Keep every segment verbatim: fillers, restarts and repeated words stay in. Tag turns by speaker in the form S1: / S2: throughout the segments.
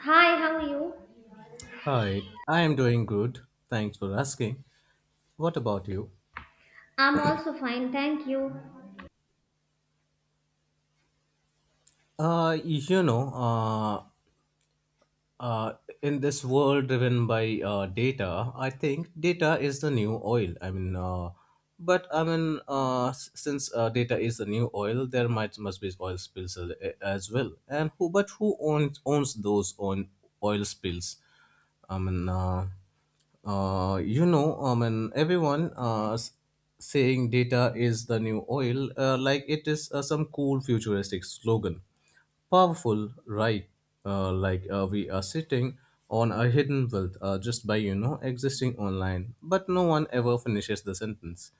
S1: Hi, how are you?
S2: Hi, I am doing good. Thanks for asking. What about you?
S1: I'm also fine, thank you.
S2: Uh, you know, uh, uh, in this world driven by uh, data, I think data is the new oil. I mean, uh, but I mean, uh, s- since uh, Data is the new oil, there might must be oil spills a- a- as well. And who, but who owns owns those own oil spills? I mean. Uh, Uh, you know, I mean, everyone uh, s- saying data is the new oil, uh, like it is uh, some cool futuristic slogan. Powerful, right? Uh, like uh, we are sitting on a hidden wealth uh, just by, you know, existing online. But no one ever finishes the sentence.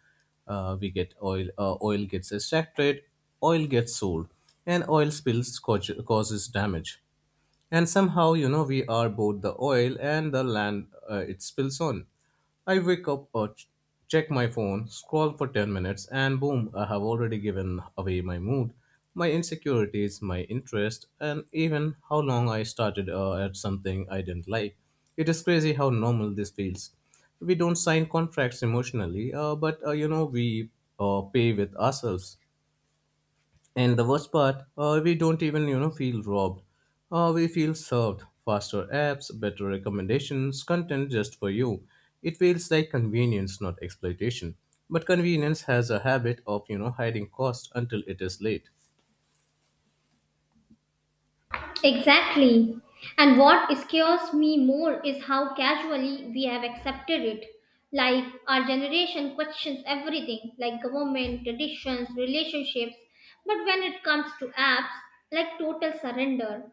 S2: Uh, we get oil, uh, oil gets extracted, oil gets sold, and oil spills cau- causes damage, and somehow you know we are both the oil and the land uh, it spills on. I wake up, uh, ch- check my phone, scroll for ten minutes, and boom, I have already given away my mood, my insecurities, my interest, and even how long I started uh, at something I didn't like. It is crazy how normal this feels. We don't sign contracts emotionally, uh, but uh, you know we uh, pay with ourselves. And the worst part, uh, we don't even you know feel robbed. Uh, we feel served. Faster apps, better recommendations, content just for you. It feels like convenience, not exploitation. But convenience has a habit of you know hiding cost until it is late.
S1: Exactly. And what scares me more is how casually we have accepted it. Like our generation questions everything, like government, traditions, relationships. But when it comes to apps, like total surrender.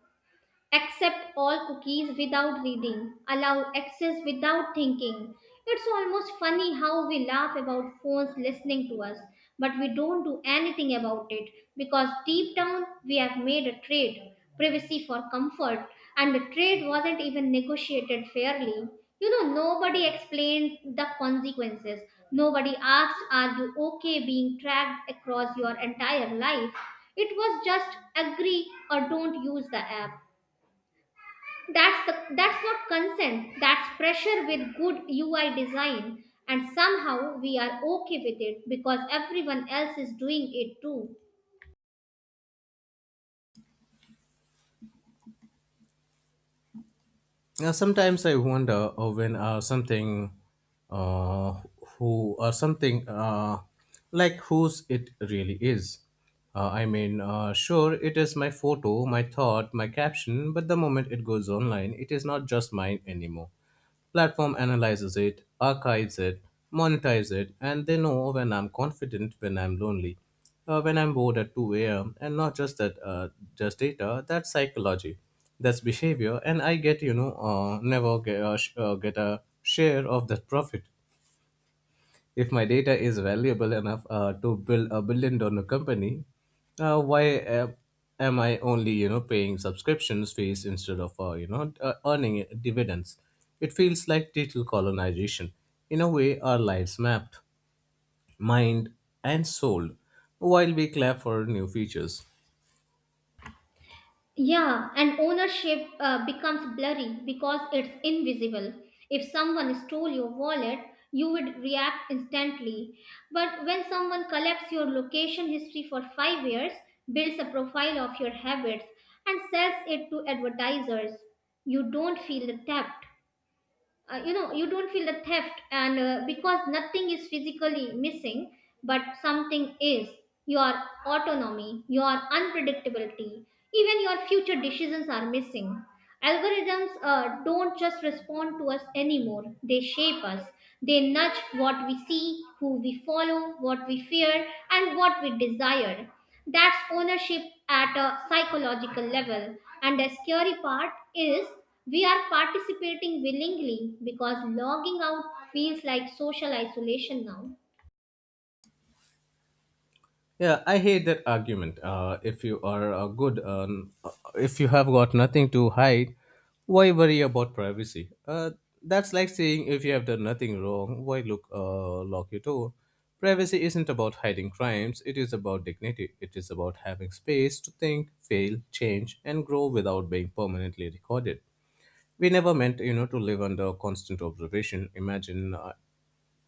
S1: Accept all cookies without reading. Allow access without thinking. It's almost funny how we laugh about phones listening to us, but we don't do anything about it because deep down we have made a trade privacy for comfort, and the trade wasn't even negotiated fairly. You know, nobody explained the consequences. Nobody asked, are you okay being tracked across your entire life? It was just agree or don't use the app. That's the that's not consent. That's pressure with good U I design, and somehow we are okay with it because everyone else is doing it too.
S2: Now, sometimes I wonder uh, when uh, something uh, who or something, uh, like whose it really is. Uh, I mean, uh, sure, it is my photo, my thought, my caption, but the moment it goes online, it is not just mine anymore. Platform analyzes it, archives it, monetizes it, and they know when I'm confident, when I'm lonely, uh, when I'm bored at two a m. And not just that, uh, just data. That's psychology, that's behavior, and I get you know uh, never get, uh, sh- uh, get a share of that profit. If my data is valuable enough uh, to build a billion dollar company, uh, why uh, am I only you know paying subscriptions fees instead of uh, you know uh, earning dividends? It feels like digital colonization. In a way, our lives mapped, mined, and sold, while we clap for new features.
S1: Yeah, and ownership uh, becomes blurry because it's invisible. If someone stole your wallet, you would react instantly. But when someone collects your location history for five years, builds a profile of your habits and sells it to advertisers, you don't feel the debt. Uh, you know you don't feel the theft, and uh, because nothing is physically missing, but something is: your autonomy, your unpredictability, even your future decisions are missing. Algorithms uh, don't just respond to us anymore, they shape us. They nudge what we see, who we follow, what we fear, and what we desire. That's ownership at a psychological level. And the scary part is, we are participating willingly because logging out feels like social isolation now.
S2: Yeah, I hate that argument. Uh, if you are uh, good, uh, if you have got nothing to hide, why worry about privacy? Uh, that's like saying if you have done nothing wrong, why look uh, lock your door? Privacy isn't about hiding crimes. It is about dignity. It is about having space to think, fail, change, and grow without being permanently recorded. We never meant, you know, to live under constant observation. Imagine uh,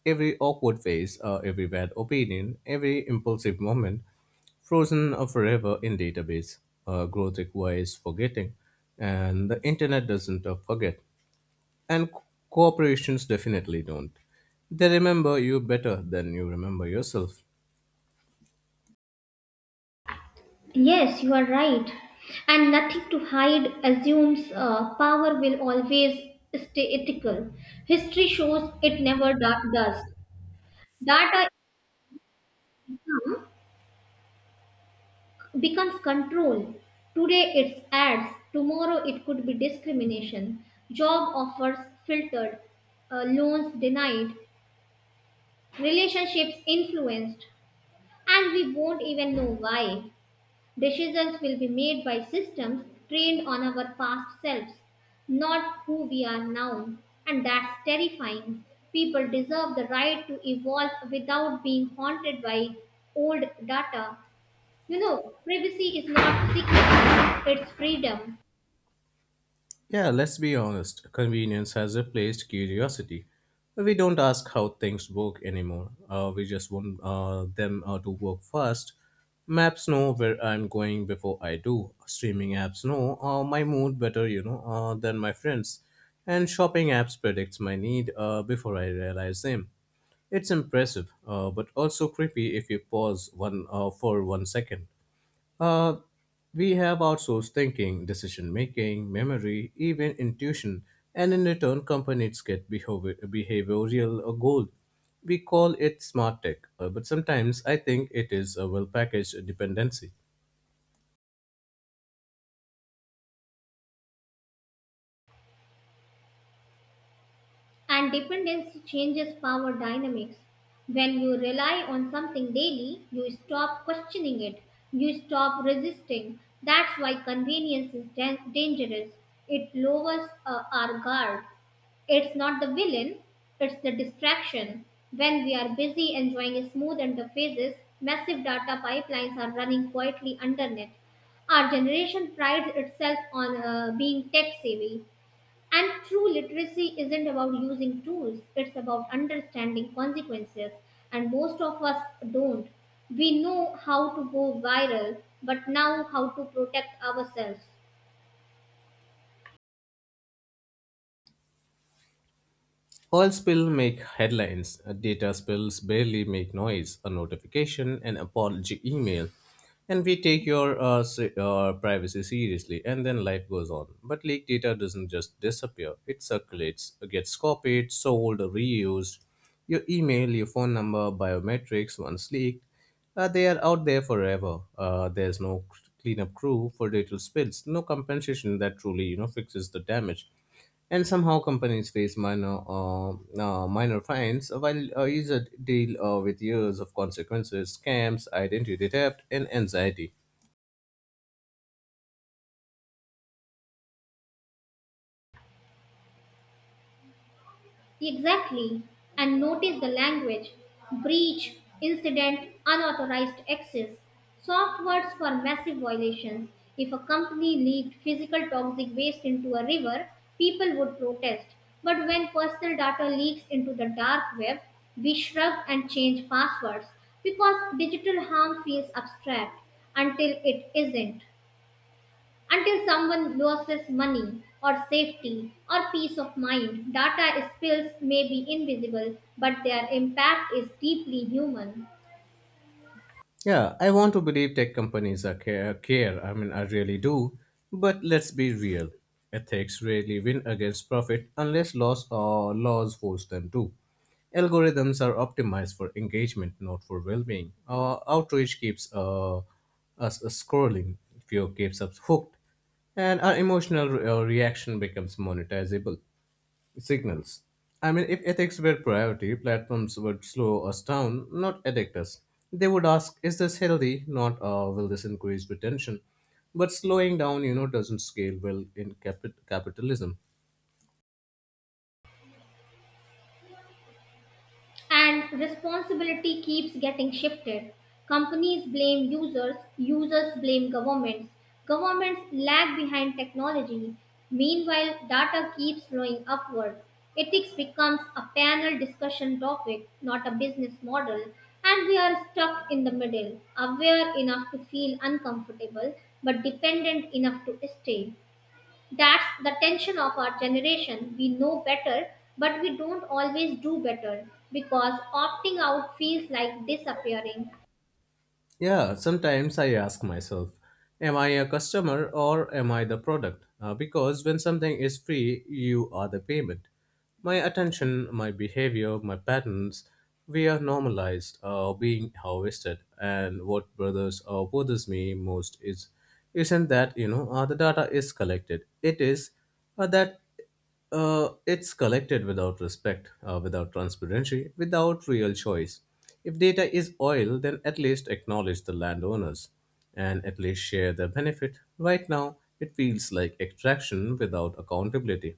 S2: every awkward face, uh, every bad opinion, every impulsive moment frozen uh, forever in database. Uh, growth requires forgetting, and the internet doesn't uh, forget, and co- corporations definitely don't. They remember you better than you remember yourself.
S1: Yes, you are right. And nothing to hide assumes uh, power will always stay ethical. History shows it never do- does. Data becomes control. Today it's ads, tomorrow it could be discrimination, job offers filtered, uh, loans denied, relationships influenced, and we won't even know why. Decisions will be made by systems trained on our past selves, not who we are now, and that's terrifying. People deserve the right to evolve without being haunted by old data you know, Privacy is not secrecy, it's freedom.
S2: Yeah, let's be honest. Convenience has replaced curiosity. We don't ask how things work anymore. Uh, we just want uh, them uh, to work fast. Maps know where I'm going before I do. Streaming apps know uh, my mood better, you know, uh, than my friends. And shopping apps predicts my need uh, before I realize them. It's impressive, uh, but also creepy if you pause one uh, for one second. Uh, we have outsourced thinking, decision making, memory, even intuition, and in return, companies get behavior- behavioral uh, gold. We call it smart tech, uh, but sometimes I think it is a well packaged dependency.
S1: And dependency changes power dynamics. When you rely on something daily, you stop questioning it, you stop resisting. That's why convenience is dan- dangerous. It lowers uh, our guard. It's not the villain, it's the distraction. When we are busy enjoying smooth interfaces, massive data pipelines are running quietly underneath. Our generation prides itself on uh, being tech savvy. And true literacy isn't about using tools, it's about understanding consequences. And most of us don't. We know how to go viral, but now how to protect ourselves.
S2: Oil spill make headlines, data spills barely make noise, a notification, an apology email, and we take your uh, se- uh, privacy seriously, and then life goes on. But leaked data doesn't just disappear; it circulates, gets copied, sold, reused. Your email, your phone number, biometrics, once leaked, uh, they are out there forever. Uh, there's no cleanup crew for data spills, no compensation that truly you know fixes the damage. And somehow companies face minor uh, uh, minor fines while uh, users deal uh, with years of consequences, scams, identity theft, and anxiety.
S1: Exactly. And notice the language: breach, incident, unauthorized access. Soft words for massive violations. If a company leaked physical toxic waste into a river, people would protest. But when personal data leaks into the dark web, we shrug and change passwords, because digital harm feels abstract until it isn't. Until someone loses money or safety or peace of mind, data spills may be invisible, but their impact is deeply human.
S2: Yeah, I want to believe tech companies are care, care. I mean, I really do. But let's be real. Ethics rarely win against profit unless laws or laws force them to. Algorithms are optimized for engagement, not for well-being. Our outrage keeps uh, us uh, scrolling, fear keeps us hooked, and our emotional re- uh, reaction becomes monetizable signals. I mean, if ethics were priority, platforms would slow us down, not addict us. They would ask, is this healthy? Not, uh, will this increase retention? But slowing down, you know, doesn't scale well in capi- capitalism.
S1: And responsibility keeps getting shifted. Companies blame users, users blame governments, governments lag behind technology. Meanwhile, data keeps flowing upward. Ethics becomes a panel discussion topic, not a business model, and we are stuck in the middle, aware enough to feel uncomfortable, but dependent enough to stay. That's the tension of our generation. We know better, but we don't always do better because opting out feels like disappearing.
S2: Yeah, sometimes I ask myself, am I a customer or am I the product? Uh, because when something is free, you are the payment. My attention, my behavior, my patterns, we are normalized, uh, being harvested. And what bothers or bothers me most is, isn't that you know, uh, the data is collected. It is uh, that uh, it's collected without respect, uh, without transparency, without real choice. If data is oil, then at least acknowledge the landowners and at least share the benefit. Right now, it feels like extraction without accountability.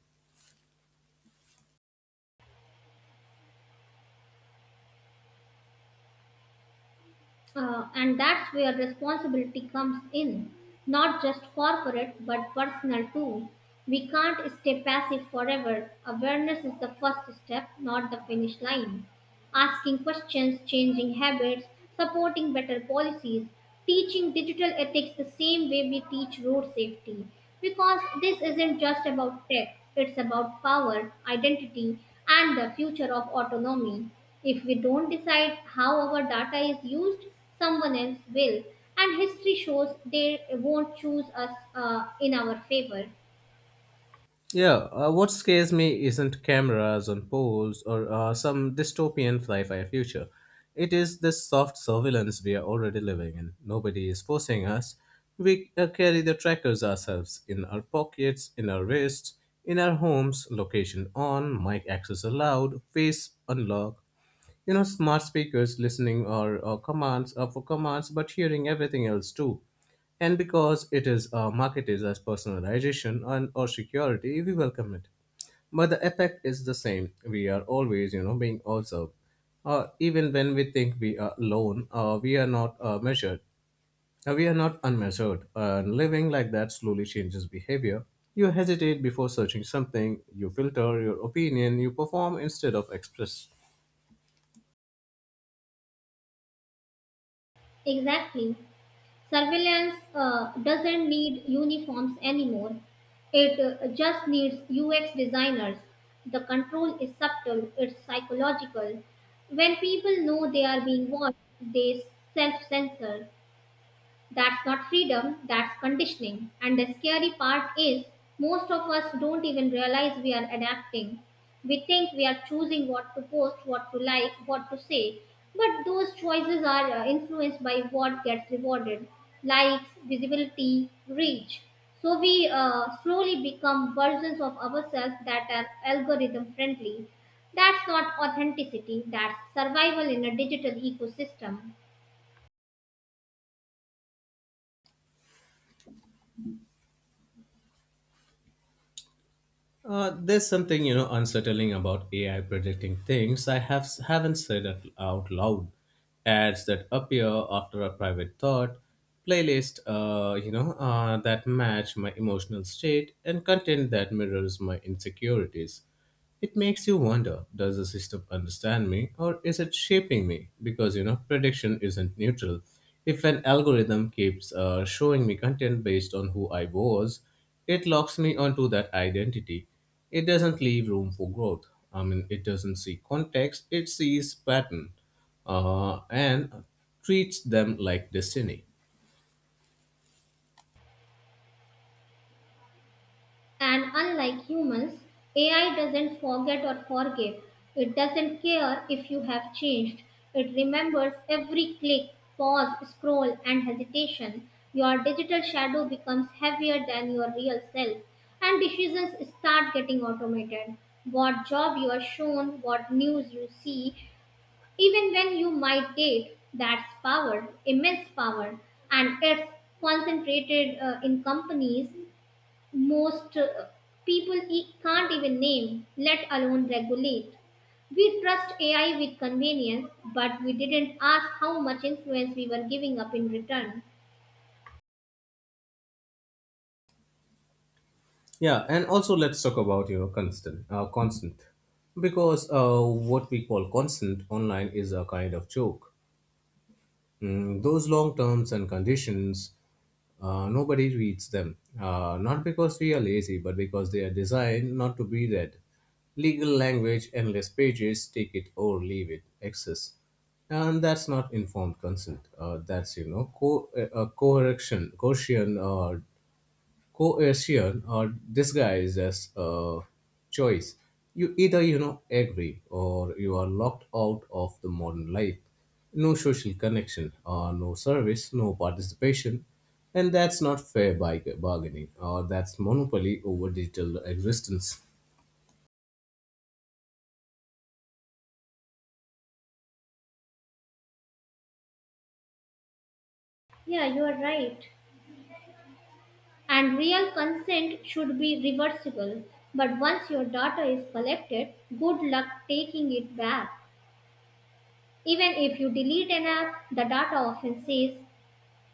S1: Uh, and that's where responsibility comes in, not just corporate but personal too. We can't stay passive forever. Awareness is the first step, not the finish line. Asking questions, changing habits, supporting better policies, teaching digital ethics the same way we teach road safety. Because this isn't just about tech, it's about power, identity, and the future of autonomy. If we don't decide how our data is used, someone else will. And history shows they won't choose us uh, in our favor.
S2: Yeah, uh, what scares me isn't cameras on poles or uh, some dystopian sci fi future. It is the soft surveillance we are already living in. Nobody is forcing us. We uh, carry the trackers ourselves in our pockets, in our wrists, in our homes, location on, mic access allowed, face unlock. You know, smart speakers listening or, or commands are for commands, but hearing everything else too. And because it is uh, marketed as personalization and or security, we welcome it. But the effect is the same. We are always, you know, being observed. Uh, even when we think we are alone, uh, we are not uh, measured. Uh, we are not unmeasured. And living like that slowly changes behavior. You hesitate before searching something. You filter your opinion. You perform instead of express.
S1: Exactly. Surveillance uh, doesn't need uniforms anymore. It uh, just needs U X designers. The control is subtle, it's psychological. When people know they are being watched, they self censor. That's not freedom, that's conditioning. And the scary part is, most of us don't even realize we are adapting. We think we are choosing what to post, what to like, what to say. But those choices are uh, influenced by what gets rewarded: likes, visibility, reach. So we uh, slowly become versions of ourselves that are algorithm friendly. That's not authenticity, that's survival in a digital ecosystem.
S2: Uh, there's something you know unsettling about A I predicting things I have haven't said it out loud. Ads that appear after a private thought, playlist, uh, you know, uh, that match my emotional state, and content that mirrors my insecurities. It makes you wonder, does the system understand me or is it shaping me? Because you know, prediction isn't neutral. If an algorithm keeps uh, showing me content based on who I was, it locks me onto that identity. It doesn't leave room for growth. I mean, it doesn't see context, it sees pattern uh, and treats them like destiny.
S1: And unlike humans, A I doesn't forget or forgive. It doesn't care if you have changed. It remembers every click, pause, scroll, and hesitation. Your digital shadow becomes heavier than your real self, and decisions start getting automated. What job you are shown, what news you see, even when you might date, that's power, immense power, and it's concentrated uh, in companies most uh, people e- can't even name, let alone regulate. We trust A I with convenience, but we didn't ask how much influence we were giving up in return.
S2: Yeah, and also let's talk about you know constant, uh, constant, because uh, what we call constant online is a kind of joke. Mm, those long terms and conditions, uh, nobody reads them. Uh, not because we are lazy, but because they are designed not to be read. Legal language, endless pages, take it or leave it, access, and that's not informed consent. Uh, that's you know co- uh, uh, correction, Gaussian uh, coercion or disguised as a choice. You either you know agree or you are locked out of the modern life. No social connection or no service, no participation, and that's not fair by bargaining or that's monopoly over digital existence.
S1: Yeah, you are right. And real consent should be reversible, but once your data is collected, good luck taking it back. Even if you delete an app, the data often says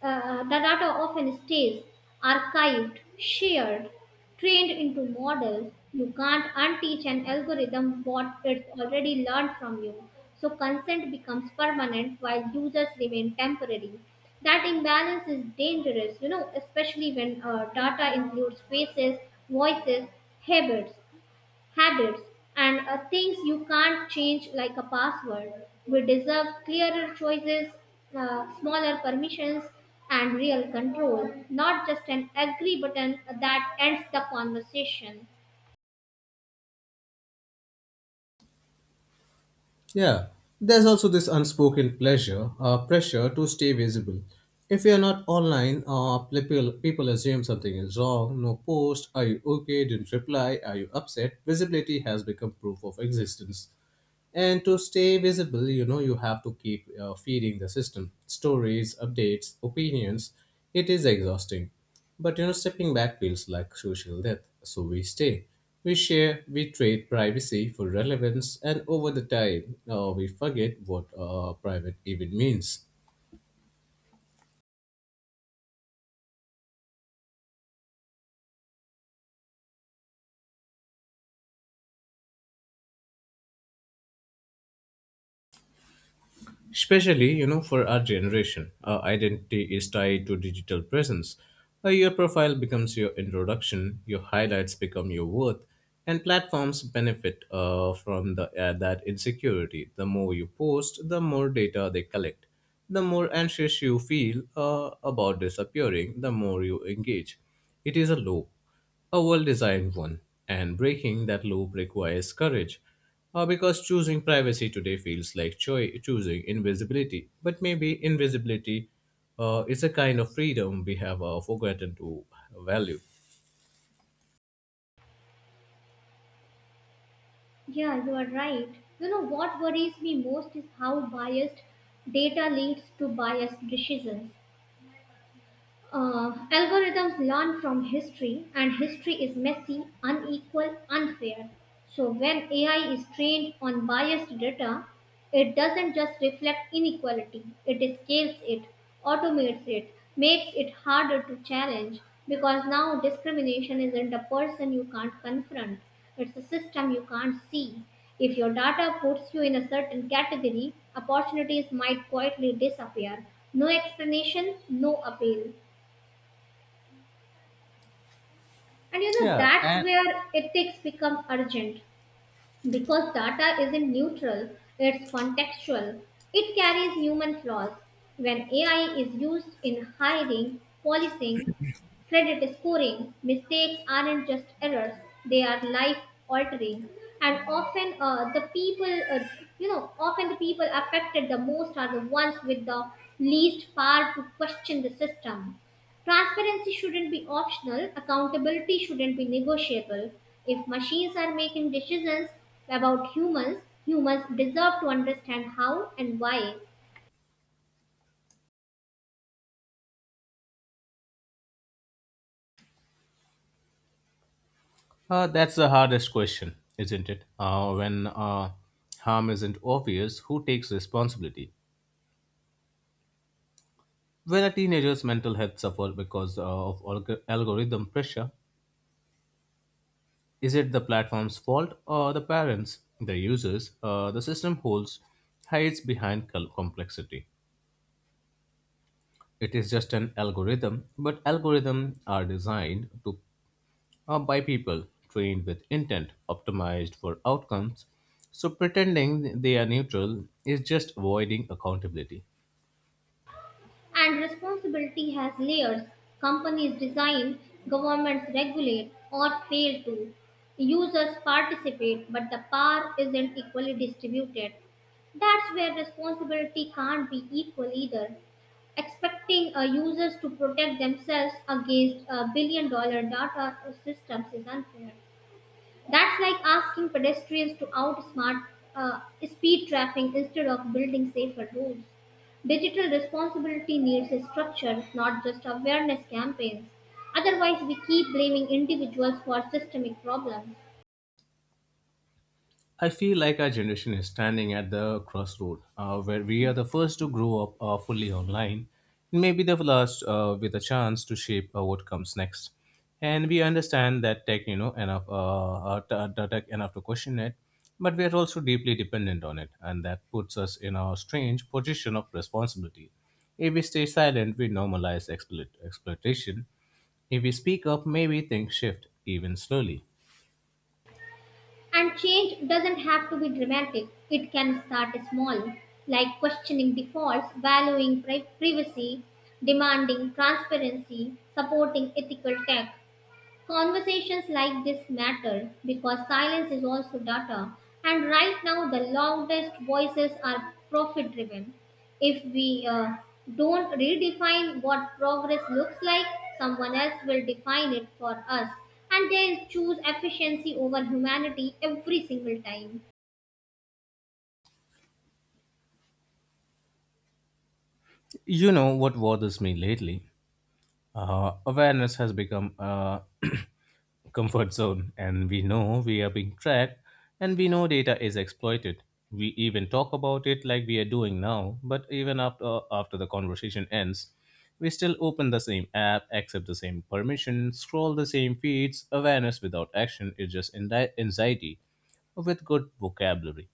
S1: Uh, the data often stays archived, shared, trained into models. You can't unteach an algorithm what it already learned from you. So consent becomes permanent while users remain temporary. That imbalance is dangerous, you know, especially when uh, data includes faces, voices, habits habits and uh, things you can't change like a password. We deserve clearer choices, uh, smaller permissions, and real control, not just an agree button that ends the conversation.
S2: Yeah, there's also this unspoken pleasure, uh, pressure to stay visible. If you're not online, uh, people, people assume something is wrong. No post. Are you okay? Didn't reply. Are you upset? Visibility has become proof of existence. And to stay visible, you know, you have to keep uh, feeding the system stories, updates, opinions. It is exhausting. But, you know, stepping back feels like social death. So we stay. We share, we trade privacy for relevance, and over the time, uh, we forget what uh, private even means. Especially you know for our generation, our identity is tied to digital presence. Uh, your profile becomes your introduction, your highlights become your worth, and platforms benefit uh, from the, uh, that insecurity. The more you post, the more data they collect, the more anxious you feel uh, about disappearing, the more you engage. It is a loop, a well designed one. And breaking that loop requires courage. Uh, because choosing privacy today feels like choi- choosing invisibility. But maybe invisibility uh, is a kind of freedom we have uh, forgotten to value.
S1: Yeah, you are right. You know what worries me most is how biased data leads to biased decisions. Uh, algorithms learn from history, and history is messy, unequal, unfair. So, when A I is trained on biased data, it doesn't just reflect inequality, it scales it, automates it, makes it harder to challenge, because now discrimination isn't a person you can't confront, it's a system you can't see. If your data puts you in a certain category, opportunities might quietly disappear. No explanation, no appeal. And you know,
S2: Yeah,
S1: that's
S2: and
S1: where ethics become urgent, because data isn't neutral, it's contextual. It carries human flaws. When A I is used in hiring, policing, credit scoring, mistakes aren't just errors, they are life altering. And often, uh, the people, uh, you know, often the people affected the most are the ones with the least power to question the system. Transparency shouldn't be optional, accountability shouldn't be negotiable. If machines are making decisions about humans, humans deserve to understand how and why.
S2: uh, that's the hardest question, isn't it? Uh, when uh, harm isn't obvious, who takes responsibility? When a teenager's mental health suffers because uh, of alg- algorithm pressure, is it the platform's fault or the parents, the users, uh, the system holds hides behind col- complexity? It is just an algorithm, but algorithms are designed to uh, by people trained with intent, optimized for outcomes. So pretending they are neutral is just avoiding accountability.
S1: And responsibility has layers. Companies design, governments regulate or fail to. Users participate, but the power isn't equally distributed. That's where responsibility can't be equal either. Expecting uh, users to protect themselves against a billion dollar data systems is unfair. That's like asking pedestrians to outsmart uh, speed traffic instead of building safer roads. Digital responsibility needs a structure, not just awareness campaigns. Otherwise, we keep blaming individuals for systemic problems.
S2: I feel like our generation is standing at the crossroad uh, where we are the first to grow up uh, fully online, and maybe the last uh, with a chance to shape uh, what comes next. And we understand that tech, you know, enough, uh, uh, t- uh, the tech enough to question it, but we are also deeply dependent on it, and that puts us in a strange position of responsibility. If we stay silent, we normalize exploit- exploitation. If we speak up, maybe things shift, even slowly.
S1: And change doesn't have to be dramatic, it can start small, like questioning defaults, valuing pri- privacy, demanding transparency, supporting ethical tech. Conversations like this matter because silence is also data, and right now the loudest voices are profit driven. If we uh, don't redefine what progress looks like, someone else will define it for us, and they'll choose efficiency over humanity every single time.
S2: You know what bothers me lately? Uh, awareness has become a comfort zone, and we know we are being tracked and we know data is exploited. We even talk about it like we are doing now, but even after, after the conversation ends, we still open the same app, accept the same permission, scroll the same feeds. Awareness without action is just indi- anxiety with good vocabulary.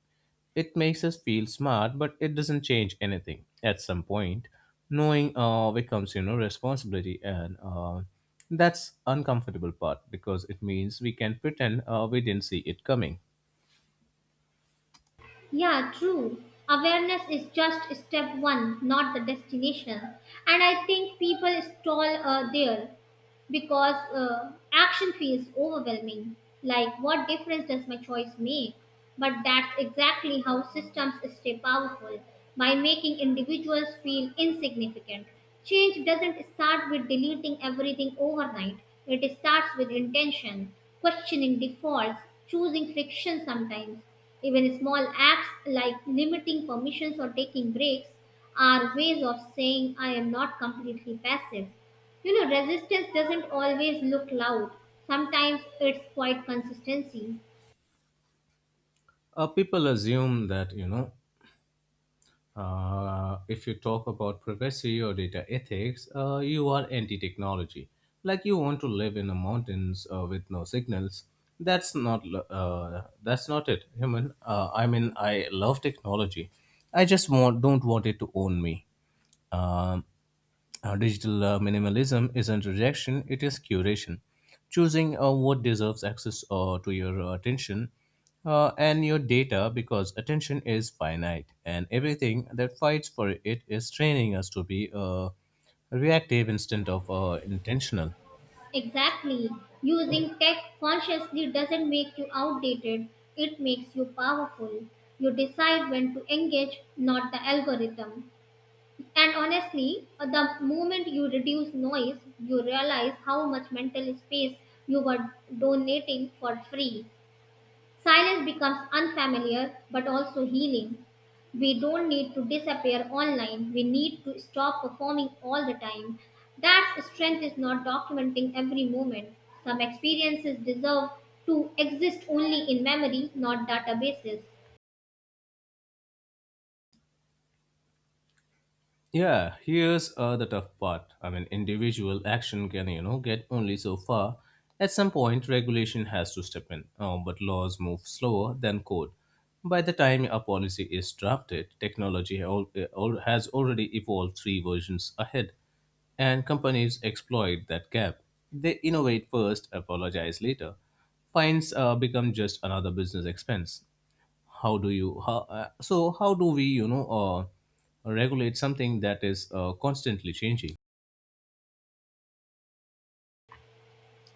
S2: It makes us feel smart, but it doesn't change anything. At some point, knowing uh, becomes you know responsibility, and uh, that's uncomfortable part because it means we can pretend uh, we didn't see it coming.
S1: Yeah, true. Awareness is just step one, not the destination. And I think people stall uh, there, because uh, action feels overwhelming. Like, what difference does my choice make? But that's exactly how systems stay powerful, by making individuals feel insignificant. Change doesn't start with deleting everything overnight, it starts with intention, questioning defaults, choosing friction sometimes. Even small acts like limiting permissions or taking breaks are ways of saying I am not completely passive. You know, resistance doesn't always look loud. Sometimes it's quite consistency.
S2: Uh, people assume that you know Uh, if you talk about privacy or data ethics, uh, you are anti technology. Like you want to live in the mountains uh, with no signals. That's not lo- uh, that's not it, human. Uh, I mean, I love technology. I just want don't want it to own me. Um, uh, Digital uh, minimalism isn't rejection, it is curation. Choosing uh, what deserves access uh, to your uh, attention uh, and your data because attention is finite and everything that fights for it is training us to be uh, reactive instead of uh, intentional.
S1: Exactly. Using tech consciously doesn't make you outdated, it makes you powerful. You decide when to engage, not the algorithm. And honestly, the moment you reduce noise, you realize how much mental space you were donating for free. Silence becomes unfamiliar but also healing. We don't need to disappear online. We need to stop performing all the time. That strength is not documenting every moment. Some experiences deserve to exist only in memory, not databases.
S2: Yeah, here's uh, the tough part. I mean, individual action can, you know, get only so far. At some point, regulation has to step in, uh, but laws move slower than code. By the time a policy is drafted, technology al- uh, al- has already evolved three versions ahead, and companies exploit that gap. They innovate first, apologize later. Fines uh, become just another business expense. How do you how uh, so how do we you know uh, regulate something that is uh, constantly changing?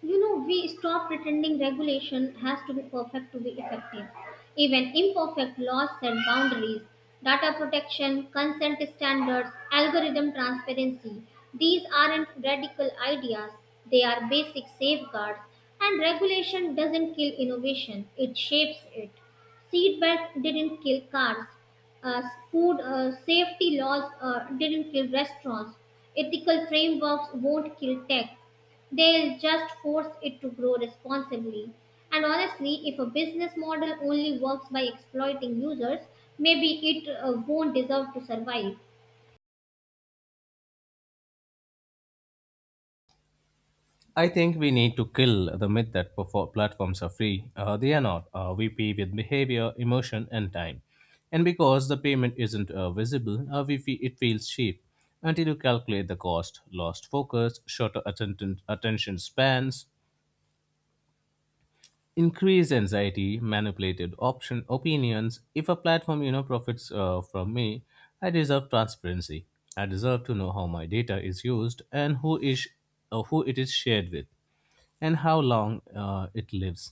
S1: You know, we stop pretending regulation has to be perfect to be effective. Even imperfect laws set boundaries. Data protection, consent standards, algorithm transparency. These aren't radical ideas, they are basic safeguards. And regulation doesn't kill innovation, it shapes it. Seatbelts didn't kill cars, uh, food uh, safety laws uh, didn't kill restaurants. Ethical frameworks won't kill tech. They'll just force it to grow responsibly. And honestly, if a business model only works by exploiting users, maybe it uh, won't deserve to survive.
S2: I think we need to kill the myth that perfor- platforms are free. Uh, they are not. Uh, we pay with behavior, emotion and time, and because the payment isn't uh, visible, uh, we feel it feels cheap until you calculate the cost: lost focus, shorter atten- attention spans, increased anxiety, manipulated option opinions. If a platform you know profits uh, from me, I deserve transparency. I deserve to know how my data is used and who is uh, who it is shared with, and how long uh, it lives.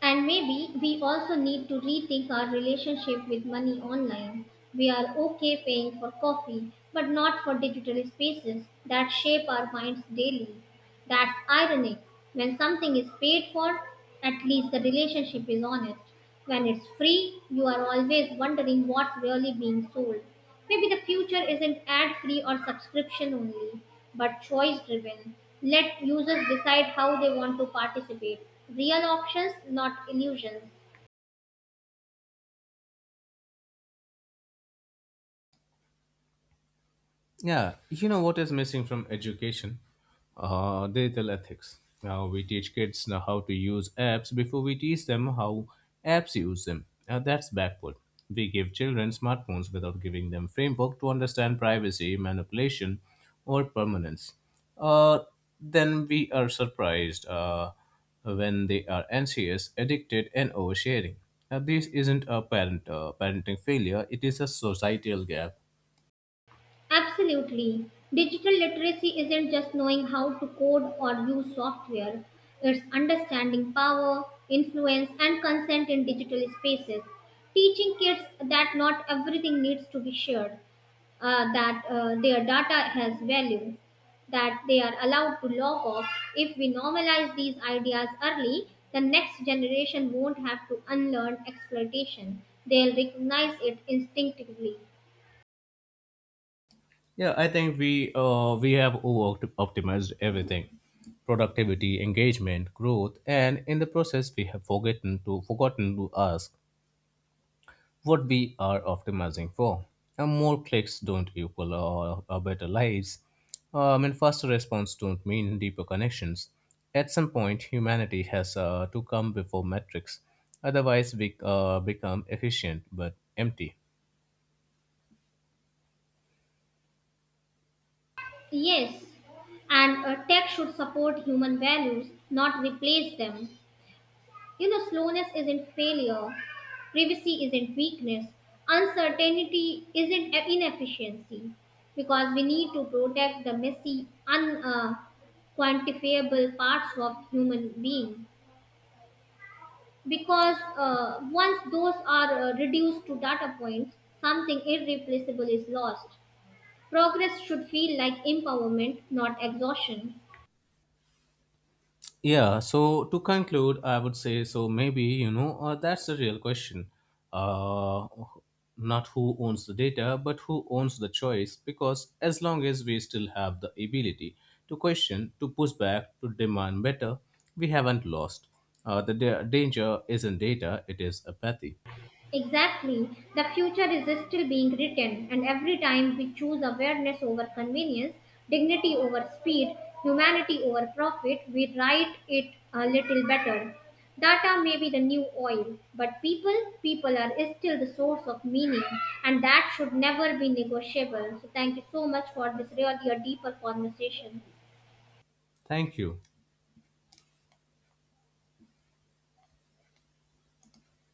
S1: And maybe we also need to rethink our relationship with money online. We are okay paying for coffee, but not for digital spaces that shape our minds daily. That's ironic. When something is paid for, at least the relationship is honest. When it's free, you are always wondering what's really being sold. Maybe the future isn't ad free or subscription only, but choice driven. Let users decide how they want to participate. Real options, not illusions.
S2: Yeah, you know what is missing from education? Uh, digital ethics. Now we teach kids now how to use apps before we teach them how apps use them. Now that's backward. We give children smartphones without giving them framework to understand privacy, manipulation, or permanence. Uh, then we are surprised uh, when they are anxious, addicted, and oversharing. Now this isn't a parent uh, parenting failure; it is a societal gap.
S1: Absolutely. Digital literacy isn't just knowing how to code or use software, it's understanding power, influence, and consent in digital spaces. Teaching kids that not everything needs to be shared, uh, that uh, their data has value, that they are allowed to log off. If we normalize these ideas early, the next generation won't have to unlearn exploitation. They'll recognize it instinctively.
S2: Yeah, I think we uh, we have over optimized everything: productivity, engagement, growth, and in the process we have forgotten to forgotten to ask what we are optimizing for. And more clicks don't equal uh, uh, better lives. Uh, I mean, faster response don't mean deeper connections. At some point, humanity has uh, to come before metrics. Otherwise, we uh, become efficient but empty.
S1: Yes, and uh, tech should support human values, not replace them. You know, slowness isn't failure, privacy isn't weakness, uncertainty isn't a- inefficiency, because we need to protect the messy, un. Uh, quantifiable parts of human being, because uh, once those are uh, reduced to data points, something irreplaceable is lost. Progress should feel like empowerment, not exhaustion.
S2: Yeah, so to conclude, I would say so maybe, you know, uh, that's the real question. Uh, Not who owns the data, but who owns the choice, because as long as we still have the ability to question, to push back, to demand better, we haven't lost. Uh, the da- danger isn't data, it is apathy.
S1: Exactly. The future is still being written, and every time we choose awareness over convenience, dignity over speed, humanity over profit, we write it a little better. Data may be the new oil, but people, people are still the source of meaning, and that should never be negotiable. So, thank you so much for this really a deeper conversation.
S2: Thank you.